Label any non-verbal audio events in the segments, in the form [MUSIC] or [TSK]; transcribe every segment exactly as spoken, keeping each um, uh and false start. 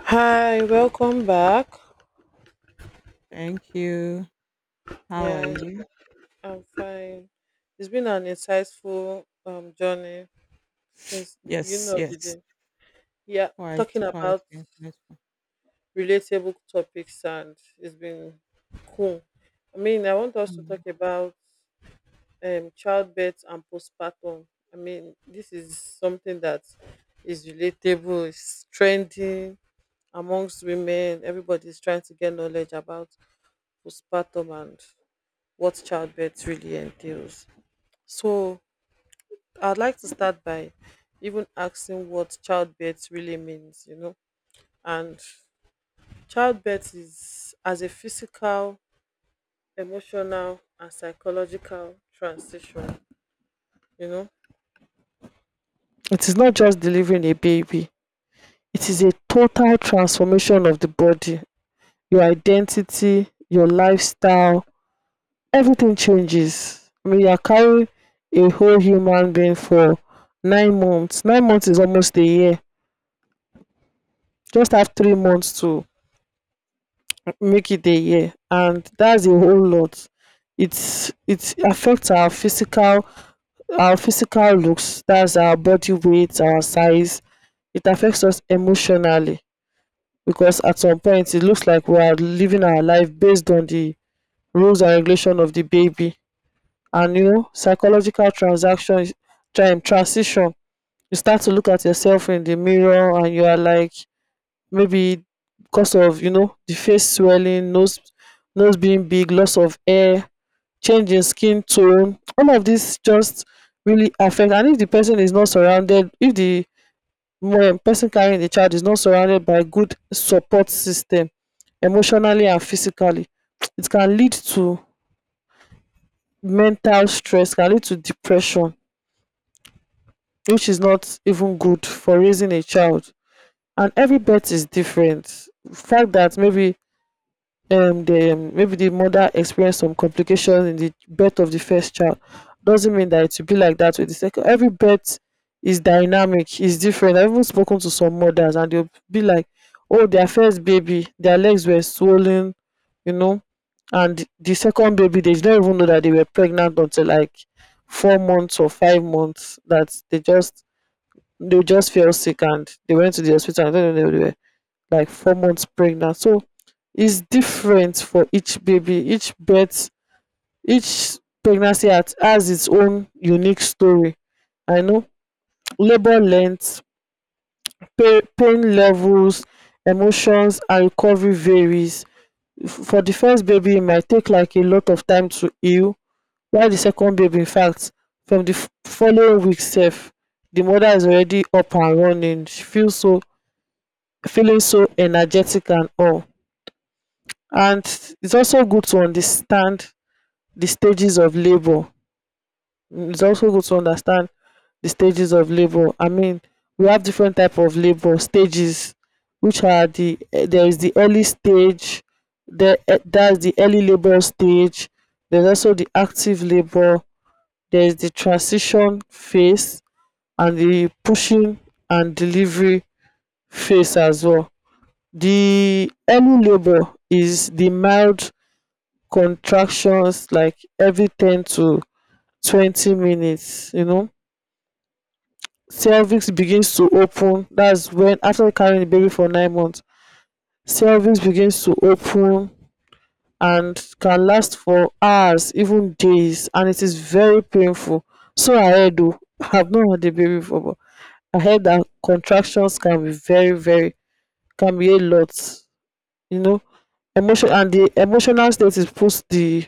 Hi, welcome back. Thank you. How are Yeah, you? I'm fine. It's been an insightful um, journey since the beginning Yes, of the yes. day. Yeah, Quite, talking quite about insightful. relatable topics, and it's been cool. I mean, I want us to Mm. talk about um, childbirth and postpartum. I mean, this is something that is relatable, it's trending amongst women. Everybody's trying to get knowledge about postpartum and what childbirth really entails. So I'd like to start by even asking what childbirth really means, you know. And childbirth is as a physical, emotional, and psychological transition, you know. It is not just delivering a baby, it is a total transformation of the body, your identity, your lifestyle, everything changes. When you are carrying a whole human being for nine months, nine months is almost a year. Just have three months to make it a year, and that's a whole lot. It's it affects our physical our physical looks. That's our body weight, our size. It affects us emotionally because at some point it looks like we are living our life based on the rules and regulation of the baby. And you know, psychological transaction, tran- transition, you start to look at yourself in the mirror and you are like maybe because of, you know, the face swelling, nose nose being big, loss of air, change in skin tone, all of this just really affect. And if the person is not surrounded, if the um, person carrying the child is not surrounded by good support system emotionally and physically, [TSK] it can lead to mental stress, can lead to depression, which is not even good for raising a child. And every birth is different. Fact that maybe um the um, maybe the mother experienced some complication in the birth of the first child doesn't mean that it will be like that with the second. Every birth is dynamic, is different. I've even spoken to some mothers and they'll be like, oh, their first baby, their legs were swollen, you know, and the second baby, they did not even know that they were pregnant until like four months or five months. That they just they just fell sick and they went to the hospital, and I don't know where they were like four months pregnant. So it's different for each baby, each birth, each pregnancy has, has its own unique story. I know labor length, pain, pain levels, emotions, and recovery varies. For the first baby it might take like a lot of time to heal, while the second baby, in fact, from the f- following week sef, the mother is already up and running, she feel so feeling so energetic and all. And it's also good to understand the stages of labor. Mm, it's also good to understand the stages of labor. I mean, we have different type of labor stages, which are the eh, there is the early stage, there eh, that's the early labor stage. There's also the active labor. There is the transition phase and the pushing and delivery phase as well. The early labor is the mild contractions like every ten to twenty minutes, you know. Cervix begins to open. That's when after carrying the baby for nine months, cervix begins to open and can last for hours, even days, and it is very painful. So I heard, oh, [LAUGHS] I've not had a baby before, but I heard that contractions can be very, very, can be a lot, you know. Emotion and the emotional state is puts the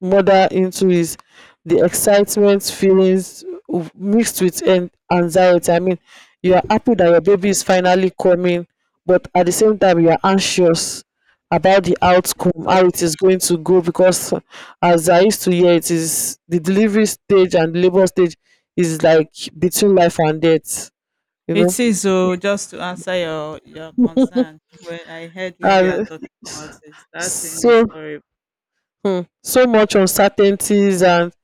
mother into is the excitement feelings w- mixed with an- anxiety. I mean, you are happy that your baby is finally coming, but at the same time you are anxious about the outcome, So how it is going to go. Because as I used to hear, it is the delivery stage and labor stage is like between life and death, you know. it is so just to answer your your concern. When I heard when you are And talking about this, that thing so, is horrible. hmm, so much uncertainties, and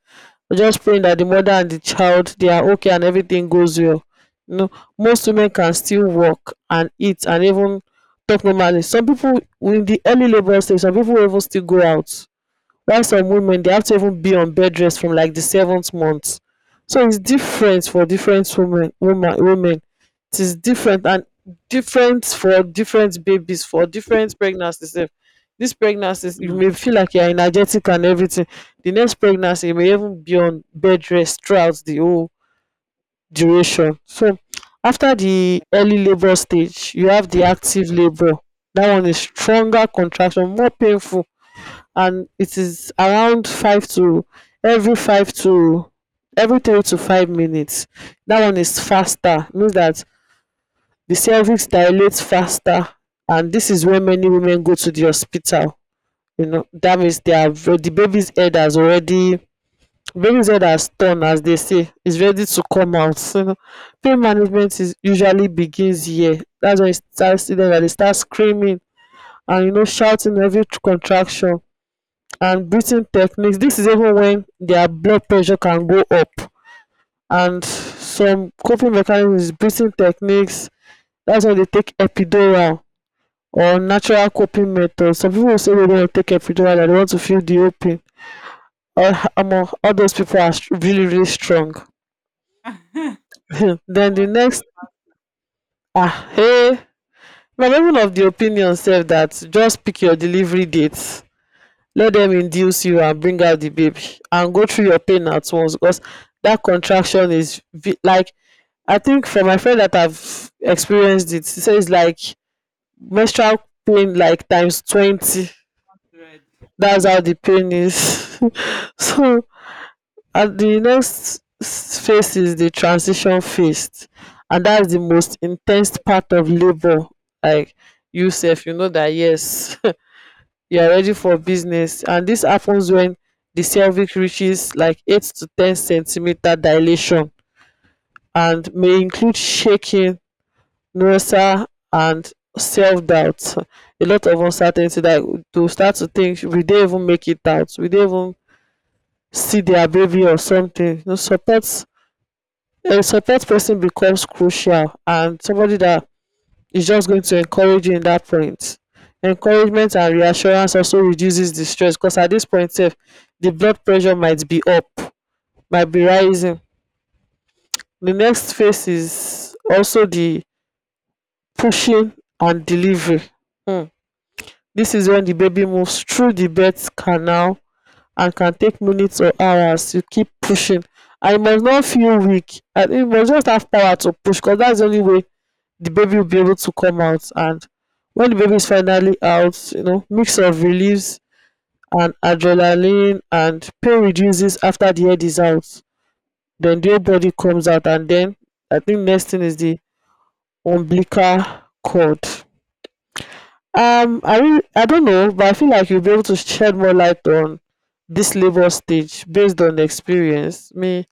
we're just praying that the mother and the child they are okay and everything goes well. You know, most women can still work and eat and even talk normally. Some people in the early labor stage, some people will even still go out, while some women they have to even be on bed rest from like the seventh month. So it's different for different women, woman women, it is different, and different for different babies, for different pregnancies sef. This pregnancies you Mm. may feel like you are energetic and everything, the next pregnancy you may even be on bed rest throughout the whole duration. So after the early labour stage you have the active labour. That one is stronger contraction, more painful, and it is around 5 to every five to every three to five minutes. That one is faster, means that the cervix dilates faster, and this is where many women go to the hospital. You know, that means they have the baby's head has already baby's head has turned, as they say, is ready to come out, you know. Pain management is usually begins here, that's when it starts, that they start screaming and, you know, shouting every contraction and breathing techniques. This is even when their blood pressure can go up. And some coping mechanisms, breathing techniques, that's why they take epidural or natural coping methods. Some people say they don't take epidural, that they want to feel the open. All, among all those people are str- really, really strong. [LAUGHS] [LAUGHS] They Then the want it next, ah, hey, I'm even of the opinion self that just pick your delivery date, let them induce you and bring out the baby and go through your pain at once. Because that contraction is v- like, I think for my friend that I've experienced it, she says like menstrual pain like times twenty. red. That's how [LAUGHS] the pain is. [LAUGHS] So, and the next s- phase is the transition phase, and that's the most intense part of labor. Like, you, Seth, you know that, yes, [LAUGHS] you are ready for business, and this happens when the cervix reaches like eight to ten centimeter dilation, and may include shaking, nausea, and self-doubt, a lot of uncertainty, that to start to think will they even make it out, will they even see their baby or something, you know. Support, a support person becomes crucial, and somebody that is just going to encourage you in that point. Encouragement and reassurance also reduces the stress, because at this point, sef, the blood pressure might be up, might be rising. The next phase is also the pushing and delivery. Hmm. This is when the baby moves through the birth canal and can take minutes or hours. You keep pushing. I must not feel weak. I it must just have power to push, because that's the only way the baby will be able to come out. And when the baby is finally out, you know, mix of reliefs and adrenaline, and pain reduces after the head is out, then the whole body comes out. And then I think next thing is the umbilical cord. Um, I really, I don't know, but I feel like you'll be able to shed more light on this labor stage based on experience. Me,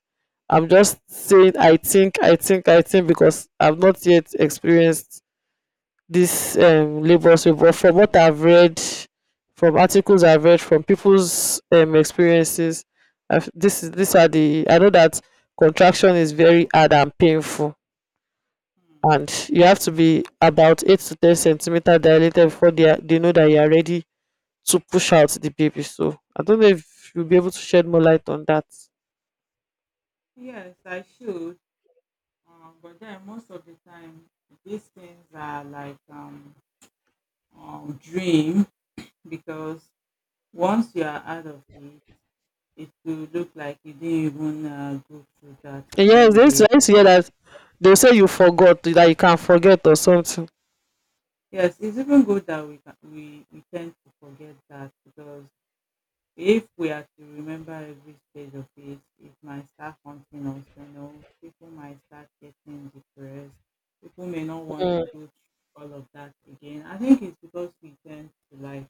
I'm just saying, i think i think I think, because I've not yet experienced this um, labor. So but from what I've read, from articles I've read, from people's um, experiences, I've, this is these are the, I know that contraction is very hard and painful, Hmm. and you have to be about eight to ten centimeter dilated before they, are, they know that you are ready to push out the baby. So I don't know if you'll be able to shed more light on that. Yes, I should. Um, but then most of the time, these things are like um, um dream because once you are out of it, it will look like you didn't even uh, go through that And yes, in they used to, the. I used to hear that they say you forgot, that you can not forget or something. Yes, it's even good that we ca- we we tend to forget that, because if we are to remember every stage of it, it might start haunting us. You know, people might start getting depressed, people may not want to go through all of that again. I think it's because we tend to like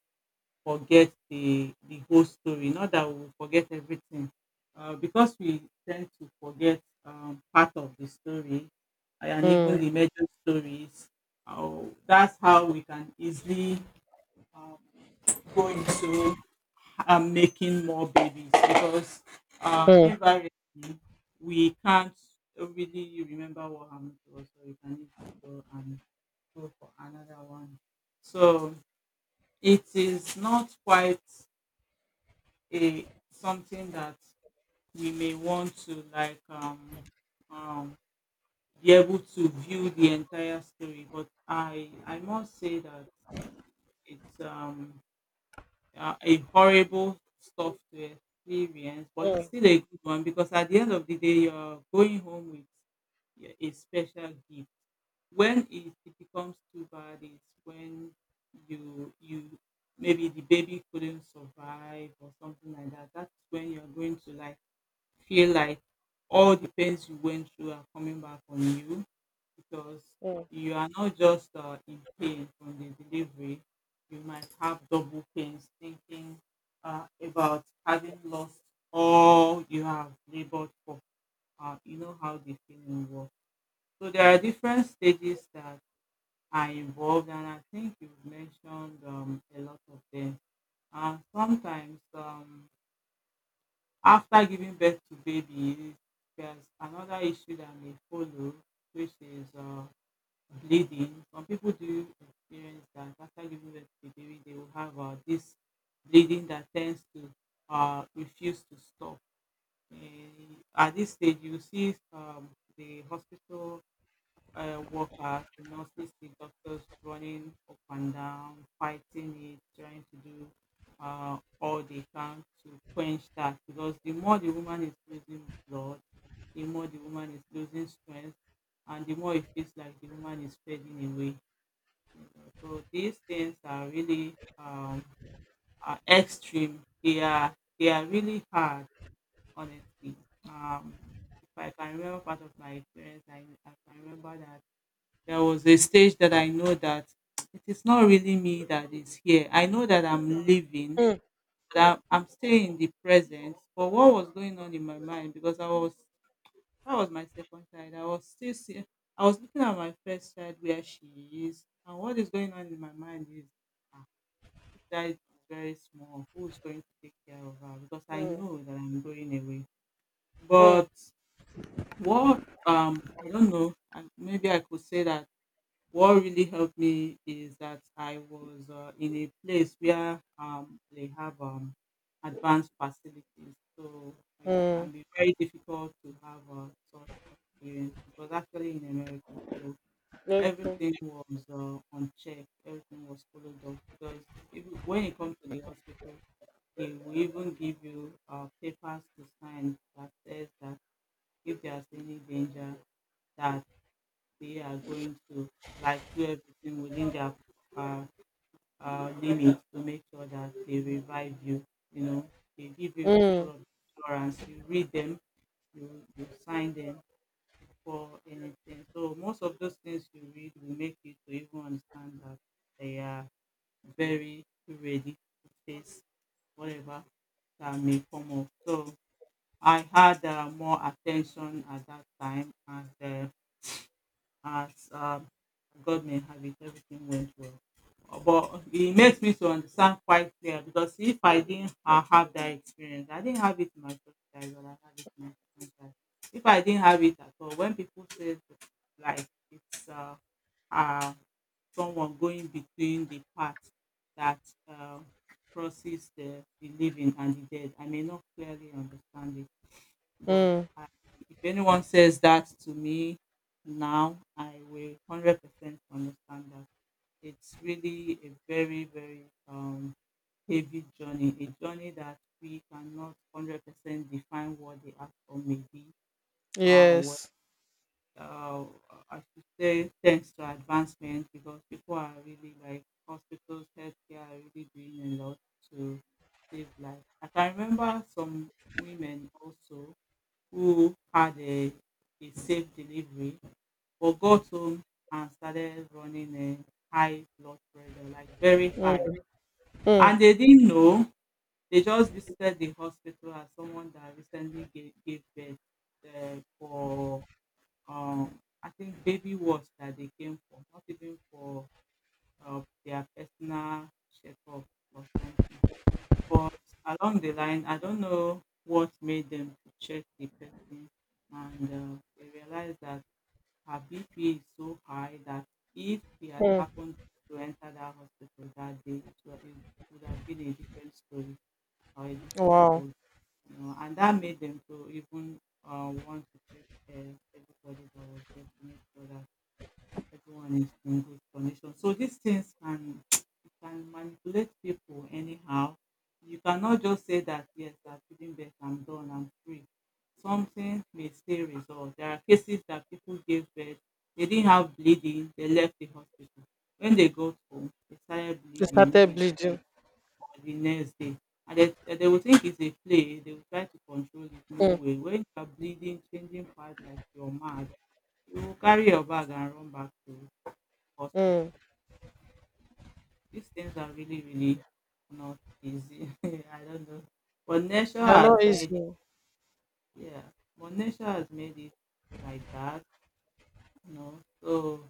forget the the whole story. Not that we forget everything, uh, because we tend to forget um, part of the story, uh, and even Mm, the major stories. Uh, that's how we can easily uh, go into uh, making more babies, because uh, mm, invariably we can't really remember what happened to us, so we can easily go and go for another one. So it is not quite a something that we may want to like um um be able to view the entire story, but i i must say that it's um a a horrible stuff to experience, but it's mm, still a good one, because at the end of the day you're going home with y- a special gift. When it, it becomes too bad is when you you maybe the baby couldn't survive or something like that. That's when you're going to like feel like all the pains you went through are coming back on you, because mm. you are not just uh, in pain from the delivery. You might have double pains thinking uh, about having lost all you have labored for. Uh, you know how the feeling works. So there are different stages that are involved, and I think you've mentioned um, a lot of them. Uh, sometimes um, after giving birth to babies, there's another issue that may follow, which is uh, bleeding. Some people do experience that. After giving birth to a baby, they will have uh, this bleeding that tends to uh, refuse to stop. And at this stage, you see um, the hospital uh, workers, the nurses, the doctors running up and down, fighting it, trying to do uh, all they can to quench that. Because the more the woman is losing blood, the more the woman is losing strength, and the more it feels like the woman is fading away. So these things are really um, are extreme. They are they are really hard, honestly. Um, if I can remember part of my experience, I, I can remember that there was a stage that I know that [TSK] it is not really me that is here. I know that I'm leaving, Mm, but I'm, I'm staying in the present. But what was going on in my mind, because I was that was my second child. I was still see, I was looking at my first child where she is, and what is going on in my mind is ah, this child is very small. Who's going to take care of her? Because I mm, know that I'm going away. mm, But what um I don't know. I, maybe I could say that what really helped me is that I was uh, in a place where um, they have um, advanced facilities. So it mm. can be very difficult to have a sort of experience. It was actually in America. So Okay. everything was uh, on check, everything was followed up. Because if, when you come to the hospital, they will even give you uh, papers to sign that says that if there is any danger, that they are going to like do everything within their uh, uh, limits to make sure that they revive you. You know, they give you Mm, all of the assurance. You read them, you you sign them for anything. So most of those things you read will make you to even understand that they are very ready to face whatever that may come up. So I had uh, more attention at that time, and uh, as um, God may have it, everything went well. Uh, But it makes me to understand quite clear, because if I didn't uh, have that experience, I didn't have it in my first child, but I had it in my second child. If I didn't have it at all, when people say like it's uh, uh, someone going between the path that uh, crosses the, the living and the dead, I may not clearly understand it, but mm. if anyone says that to me now, I will one hundred percent understand that. It's really a very, very um, heavy journey, a journey that we cannot one hundred percent define what the outcome may be. Uh, what, Yes. uh, I should say, thanks to advancement, because people are really like hospitals, healthcare are really doing a lot to save life. I can remember some women also who had a, a safe delivery but got home and started running a high blood pressure, like very high. And they didn't know. They just visited the hospital as someone that recently gave, gave birth uh, for, um, I think, baby wash that they came for, not even for uh, their personal checkup or something. But along the line, I don't know what made them to check the person, and uh, they realized that her B P is so high that if he had happened to enter that hospital that day, it wa- it would have been a different story or a different Wow. board, you know. And that made them to even uh, want to check uh, everybody that was there to make sure that everyone is in good condition. So these things can it can manipulate people anyhow. You cannot just say that yes, I'm feeling better, I'm done, I'm free. Something may stay resolved. There are cases that people gave birth, they didn't have bleeding, they left the hospital. When they got home, they started They bleeding, started maybe that day bleeding. or the next day. And they, eh, they will think it's a play, they will try to control it, no way. When you are bleeding, changing part like you're mad, you will carry your bag and run back to hospital. Mm. These things are really, really not easy. [LAUGHS] I don't know. But nature They're not has made easy. it, yeah. But nature has made it like that, you know. So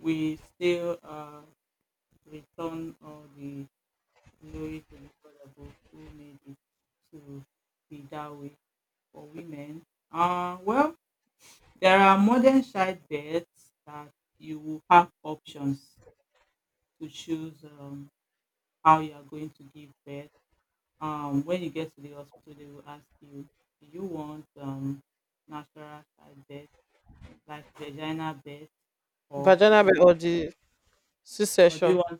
we still uh, return all the glory to the God above who made it to be that way for women. Uh, well, there are modern childbirths that you will have options to choose um, how you are going to give birth. Um, when you get to the hospital, they will ask you, do you want um, natural side birth, like vagina birth, or do Vaginal you birth or want, the or do you C-section. want,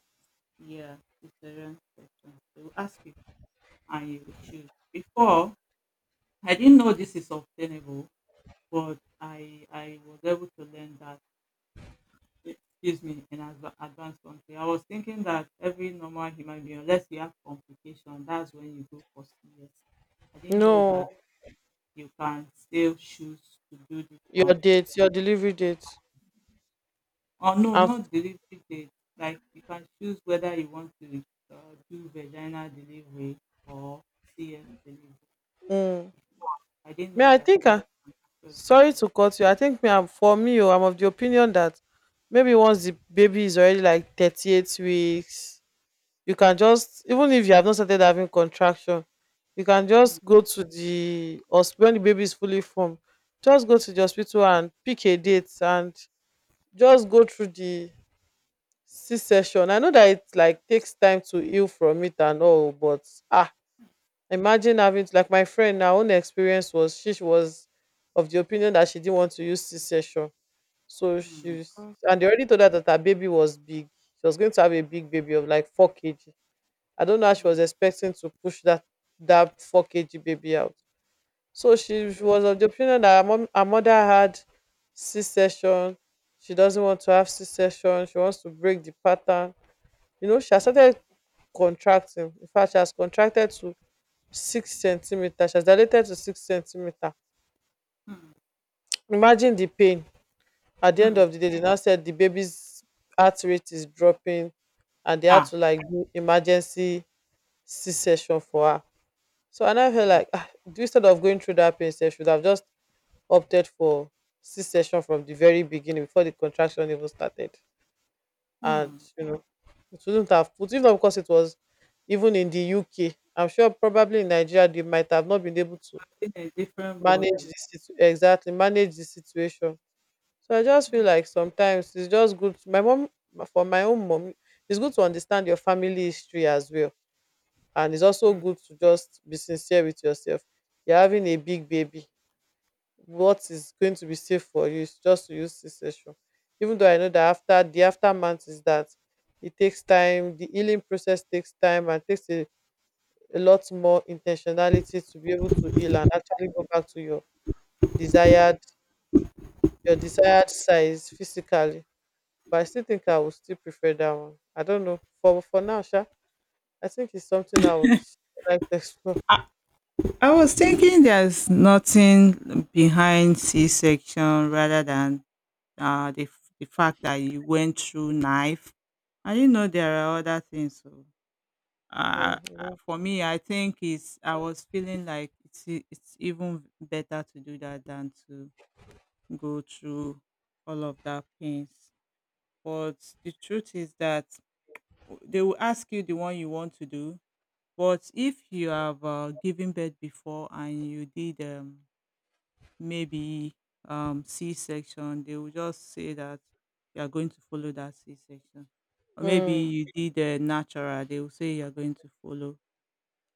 yeah, cesarean section? They will ask you, and you will choose. Before, I didn't know this is obtainable, but I I was able to learn that. Excuse me, in adva- advanced country, I was thinking that every normal human being, unless you have complication, that's when you go for C S. I didn't know No. that you can still choose to do this Your one. date, your delivery But, date. or no, And f- not delivery date, like you can choose whether you want to uh, do vaginal delivery or C S delivery. I didn't me, know I that think. someone I, can actually sorry choose. to cut you. I think me. I'm for me. Oh, I'm of the opinion that maybe once the baby is already like thirty-eight weeks, you can just, even if you have not started having contraction, you can Mm, just go to the hospital when the baby is fully formed, just go to the hospital and pick a date and just go through the c-section. I know that it like takes time to heal from it and all, but ah, imagine having to- like my friend, her own experience was she was of the opinion that she didn't want to use c-section. So mm, she, oh, and they already told her that her baby was big, she was going to have a big baby of like four kg. I don't know how she mm, was expecting to push that, that four kg baby out. So yes, she was of the opinion that her, mom, her mother had C section. She doesn't want to have C section. She wants to break the pattern. You know, she has mm, started contracting. In fact, she has contracted to six centimeter. She has dilated to six centimeter. mm, Imagine the pain. At the end mm. of the day, they now said the baby's heart rate is dropping, and they had Ah, to like do emergency C section for her. So and I now like ah, do instead of going through that pain, sef, should have just opted for C section from the very beginning before the contraction even started. And mm. you know, it wouldn't have put if not because it was even in the U K. I'm sure probably in Nigeria they might have not been able to I a different manage ballgame. the situ- exactly manage the situation. So I just feel Mm, like sometimes it's just good. to- my mom, for my own mom, it's good to understand your family history as well, and it's also mm. good to just be sincere with yourself. You're having a big baby, what is going to be safe for you is just to use C section. Even though I know that after the aftermath is that it takes time, the healing process takes time and takes a, a lot more intentionality to be able to heal and actually go back to your desired your desired size physically. But I still think I would still prefer that one. I don't know. For for now, Sha, I think it's something I would like to explore. [LAUGHS] I was thinking there's nothing behind C section rather than uh, the f- the fact that you went through knife. I didn't know there are other things. So, uh, Mm, uh, yeah. for me, I think it's I was feeling like it's e- it's even better to do that than to go through all of that pains. But the truth is that w- they will ask you the one you want to do. But if you have uh, given birth before and you did um, maybe um, C section, they will just say that you are going to follow that C section. Or maybe Mm, you did a natural, they will say you are going to follow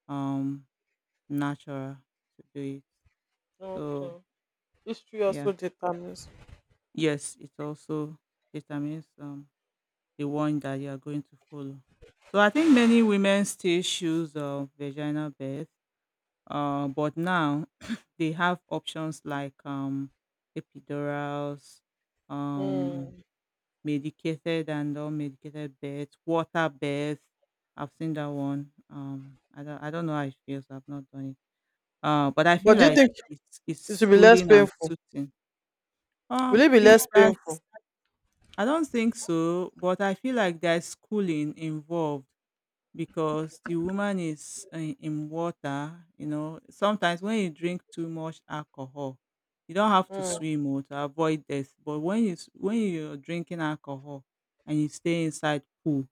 um, natural to do it. So, okay. History yeah, also determines. yes, it also determines um, the one that you are going to follow. So, I think many women still choose uh, vaginal birth, uh, but now [COUGHS] [CLEARS THROAT] they have options like um, epidurals, um medicated and unmedicated beds, water beds. I've seen that one. Um, I don't, I don't know how it feels. I've not done it. Uh, but I feel But do you like think it's it's it should be less cooling and painful? soothing. Will Um, it be It less painful? does. I don't think so, but I feel like there's cooling involved because the woman is in, in water. You know, sometimes when you drink too much alcohol, you don't have to Mm, swim or to avoid death. But when you s- when you're drinking alcohol and you stay inside pool,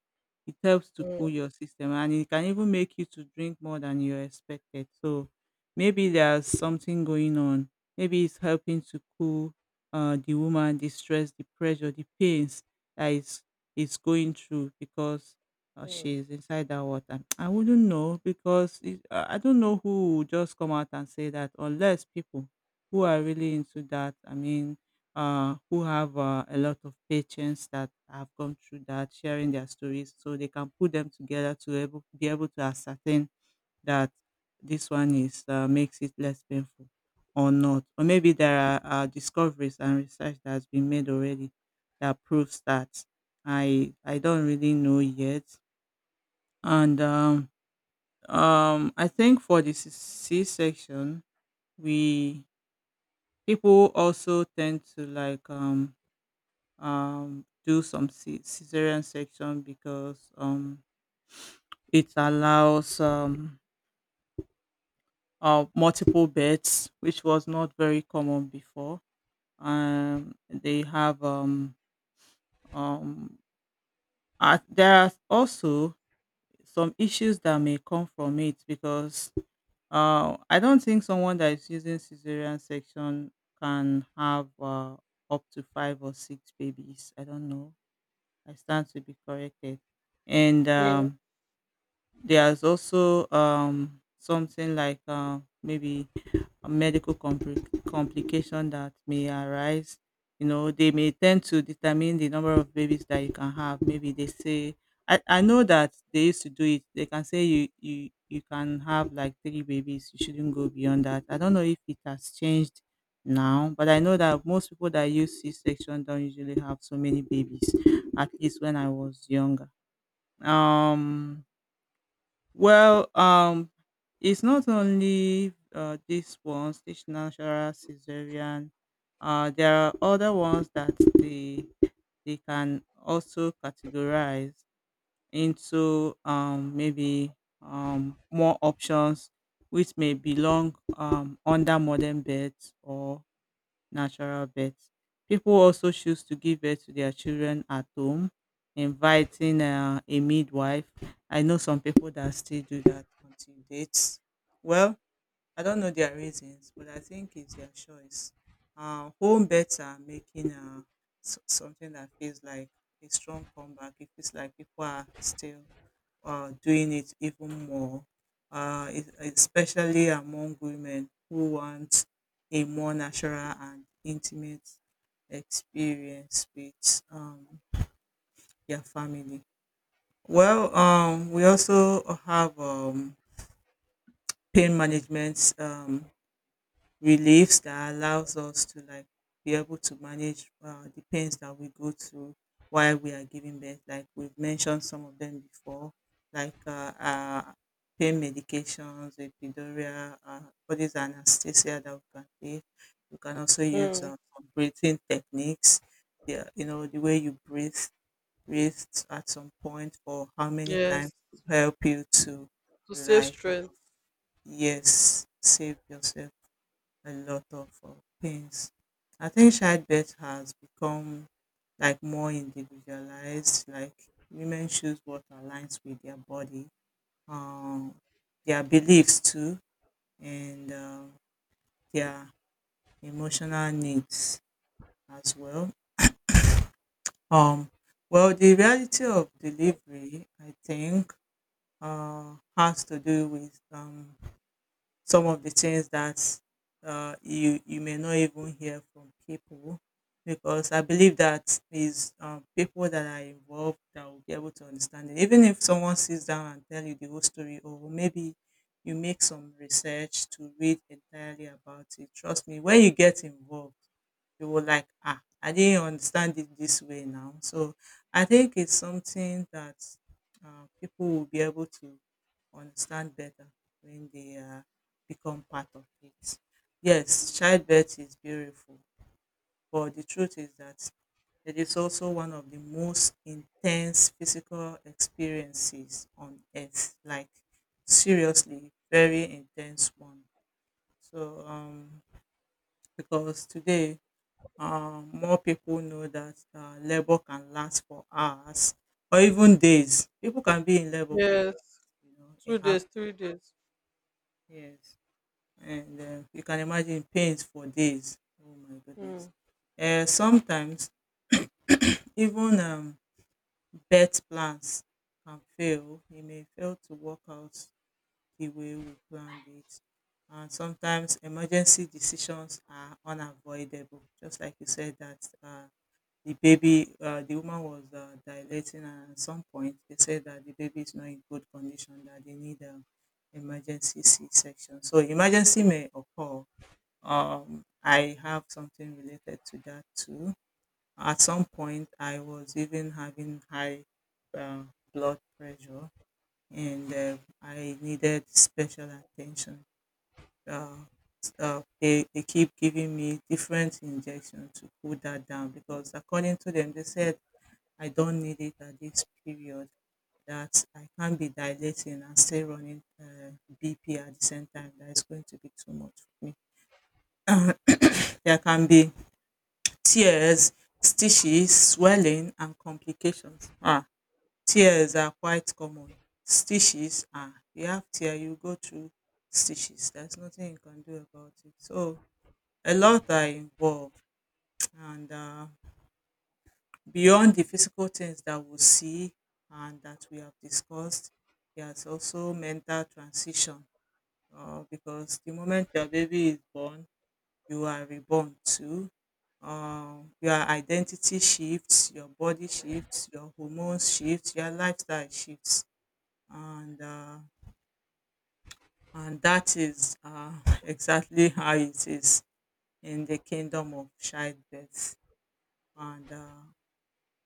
it helps to mm, cool your system and it can even make you to drink more than you expected. So maybe there's something going on. Maybe it's helping to cool uh, the woman, the stress, the pressure, the pains that is is going through because or mm, she's inside that water. I wouldn't know because it, I I don't know who would just come out and say that unless people who are really into that. I mean, uh, who have uh, a lot of patients that have gone through that, sharing their stories, so they can put them together to able, be able to ascertain that this one is uh, makes it less painful or not. Or maybe there are uh, discoveries and research that has been made already that proves that. I I don't really know yet, and um, um, I think for the C- section we people also tend to like, um, um, do some C- cesarean section because um, it allows um, uh, multiple births, which was not very common before. Um, they have um, um, uh, there are also some issues that may come from it because Uh, I don't think someone that is using cesarean section can have uh, up to five or six babies. I don't know. I stand to be corrected. And mm, um, there's also um, something like uh, maybe medical compli- complication that may arise. You know, they may tend to determine the number of babies that you can have. Maybe they say, I, I know that they used to do it. They can say you, you, you can have like three babies. You shouldn't go beyond that. I don't know if it has changed now, but I know that most people that use C-section don't usually have so many babies, at least when I was younger. Um, well, um, it's not only uh, this one, stage natural cesarean. Uh, there are other ones that they they can also categorize into, um, maybe um, more options, which may belong um, under modern beds or natural birth. People also choose to give birth to their children at home, inviting uh, a midwife. I know some people that still do that until dates. Well, I don't know their reasons, but I think it's their choice. Uh, home births are making uh, s- something that feels like a strong comeback. It feels like people are still uh, doing it even more, uh, es- especially among women who want a more natural and intimate experience with um, their family. Well, um, we also have um, pain management um, reliefs that allows us to like be able to manage uh, the pains that we go through while we are giving birth. Like we've mentioned some of them before, like uh, uh, pain medications, epidural, uh, all these anesthesia that we can take. We can also use mm. uh, some breathing techniques. Yeah, you know the way you breathe, breathe at some point for how many times Yes, to help you to, to save like, uh, strength. yes, save yourself a lot of uh, things. I think childbirth has become like more individualized. Like women choose what aligns with their body, um, their beliefs too, and um their emotional needs as well. Um, well, the reality of delivery, I think, uh, has to do with um, some of the things that uh, you you may not even hear from people because I believe that is um, people that are involved that will be able to understand it. Even if someone sits down and tell you the whole story, or maybe you make some research to read entirely about it. Trust me, when you get involved, you will like, ah, I didn't understand it this way now. So I think it's something that uh, people will be able to understand better when they are become part of it. Yes, childbirth is beautiful, but the truth is that it is also one of the most intense physical experiences on earth. Like seriously, very intense one. So um, because today, um, more people know that uh, labor can last for hours or even days. People can be in labor for days. Yes, You know, it two happens. days, three days. Yes. and uh, you can imagine pains for days. Oh my goodness. Mm. Uh, sometimes even um, bet plans can fail. It may fail to work out the way we planned it. And sometimes emergency decisions are unavoidable. Just like you said that uh, the baby, uh, the woman was uh, dilating, and at some point they said that the baby is not in good condition, that they need um, emergency C-section. So emergency may occur. um, I have something related to that too. At some point, I was even having high uh, blood pressure, and uh, I needed special attention. Uh, uh, they, they keep giving me different injections to cool that down because, according to them, they said I don't need it at this period. That I can't be dilating and stay running uh, B P at the same time. That is going to be too much for me. [COUGHS] There can be tears, stitches, swelling and complications. Ah, tears are quite common. Stitches, ah, you have tear, you go through stitches. There's nothing you can do about it. So a lot are involved, and uh, beyond the physical things that we see and that we have discussed, there's also mental transition. Uh, because the moment your baby is born, you are reborn to. Um, your identity shifts, your body shifts, your hormones shift, your lifestyle shifts, and uh, and that is uh, [LAUGHS] exactly how it is in the kingdom of childbirth and uh,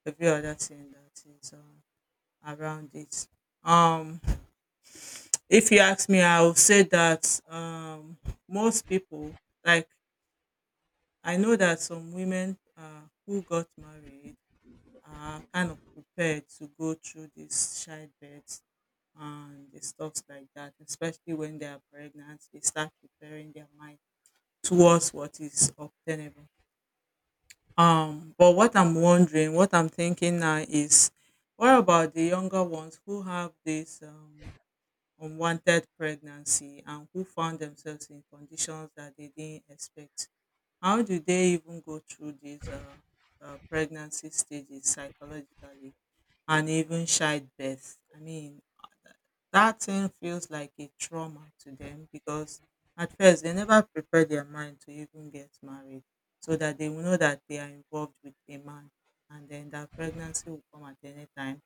every other thing that is uh, around it. Um, if you ask me, I will say that, um, most people, like I know that some women uh, who got married uh, kind of prepared to go through this childbirth and the stuffs like that, especially when they are pregnant, they start preparing their mind towards what is obtainable. Um, but what I'm wondering, what I'm thinking now is, what about the younger ones who have this um, unwanted pregnancy and who found themselves in conditions that they didn't expect? How do they even go through these uh, uh, pregnancy stages psychologically? And even childbirth. I mean, that thing feels like a trauma to them because at first they never prepare their mind to even get married so that they will know that they are involved with a man and then that pregnancy will come at any time.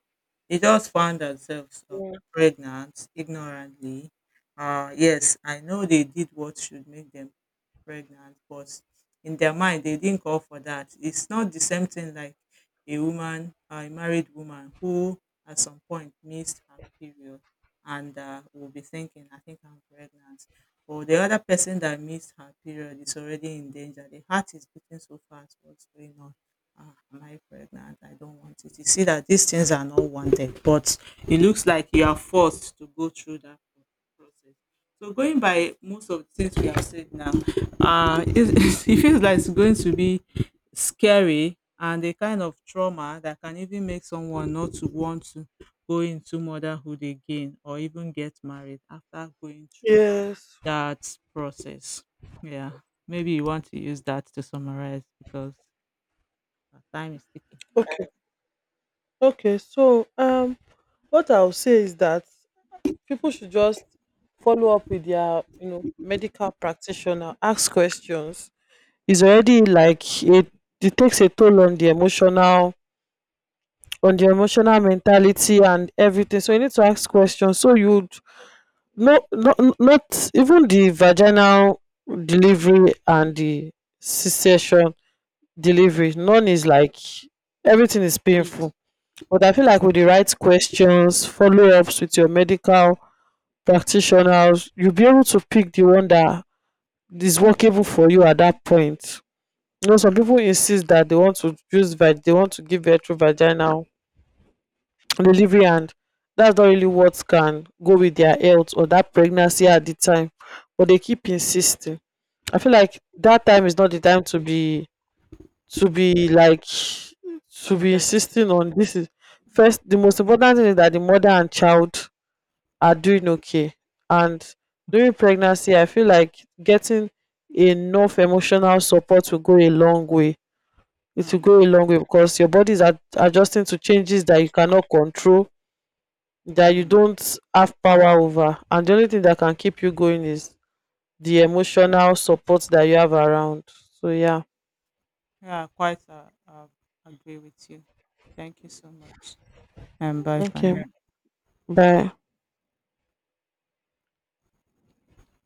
They just found themselves uh, pregnant ignorantly. Uh, yes, I know they did what should make them pregnant, but in their mind they didn't call for that. It's not the same thing like a woman, uh, a married woman who at some point missed her period and uh, will be thinking, I think I'm pregnant. Or the other person that missed her period is already in danger. The heart is beating so fast. What's going on? Ah, am I pregnant? I don't want it. You see that these things are not wanted, but it looks like you are forced to go through that pro- process. So, going by most of the things we have said now, uh, it, [LAUGHS] it feels like it's going to be scary and a kind of trauma that can even make someone not to want to go into motherhood again or even get married after going through Yes. that process. Yeah, maybe you want to use that to summarize because our time is ticking. Okay, so um, what I'll say is that people should just follow up with their, you know, medical practitioner, ask questions. It's already like it, it takes a toll on the emotional, on the emotional mentality and everything. So you need to ask questions. So you, no, not not even the vaginal delivery and the c-section Mm, delivery. None is like, everything is painful. it- But I feel mm, like with the right questions, follow ups with your medical practitioners, you'll be able to pick the one that is workable for you at that point. You know, some people insist that they want to use vag, they want to give birth through vaginal delivery, and that's not really what can go with their health or that pregnancy at the time, but they keep insisting. I feel like that time is not the time to be, to be like to be yes. insisting on this is Mm, first. The most important thing is that the mother and child are doing mm, okay, and during pregnancy I feel like getting enough emotional support will go a long way. It will mm, go a long way because your body is ad- adjusting to changes that you cannot control, that you mm. don't have power over, and the only thing that can keep you going is the emotional support that you have around. So yeah, Yeah, I quite uh, uh, agree with you. Thank you so much. And bye for okay, now. bye.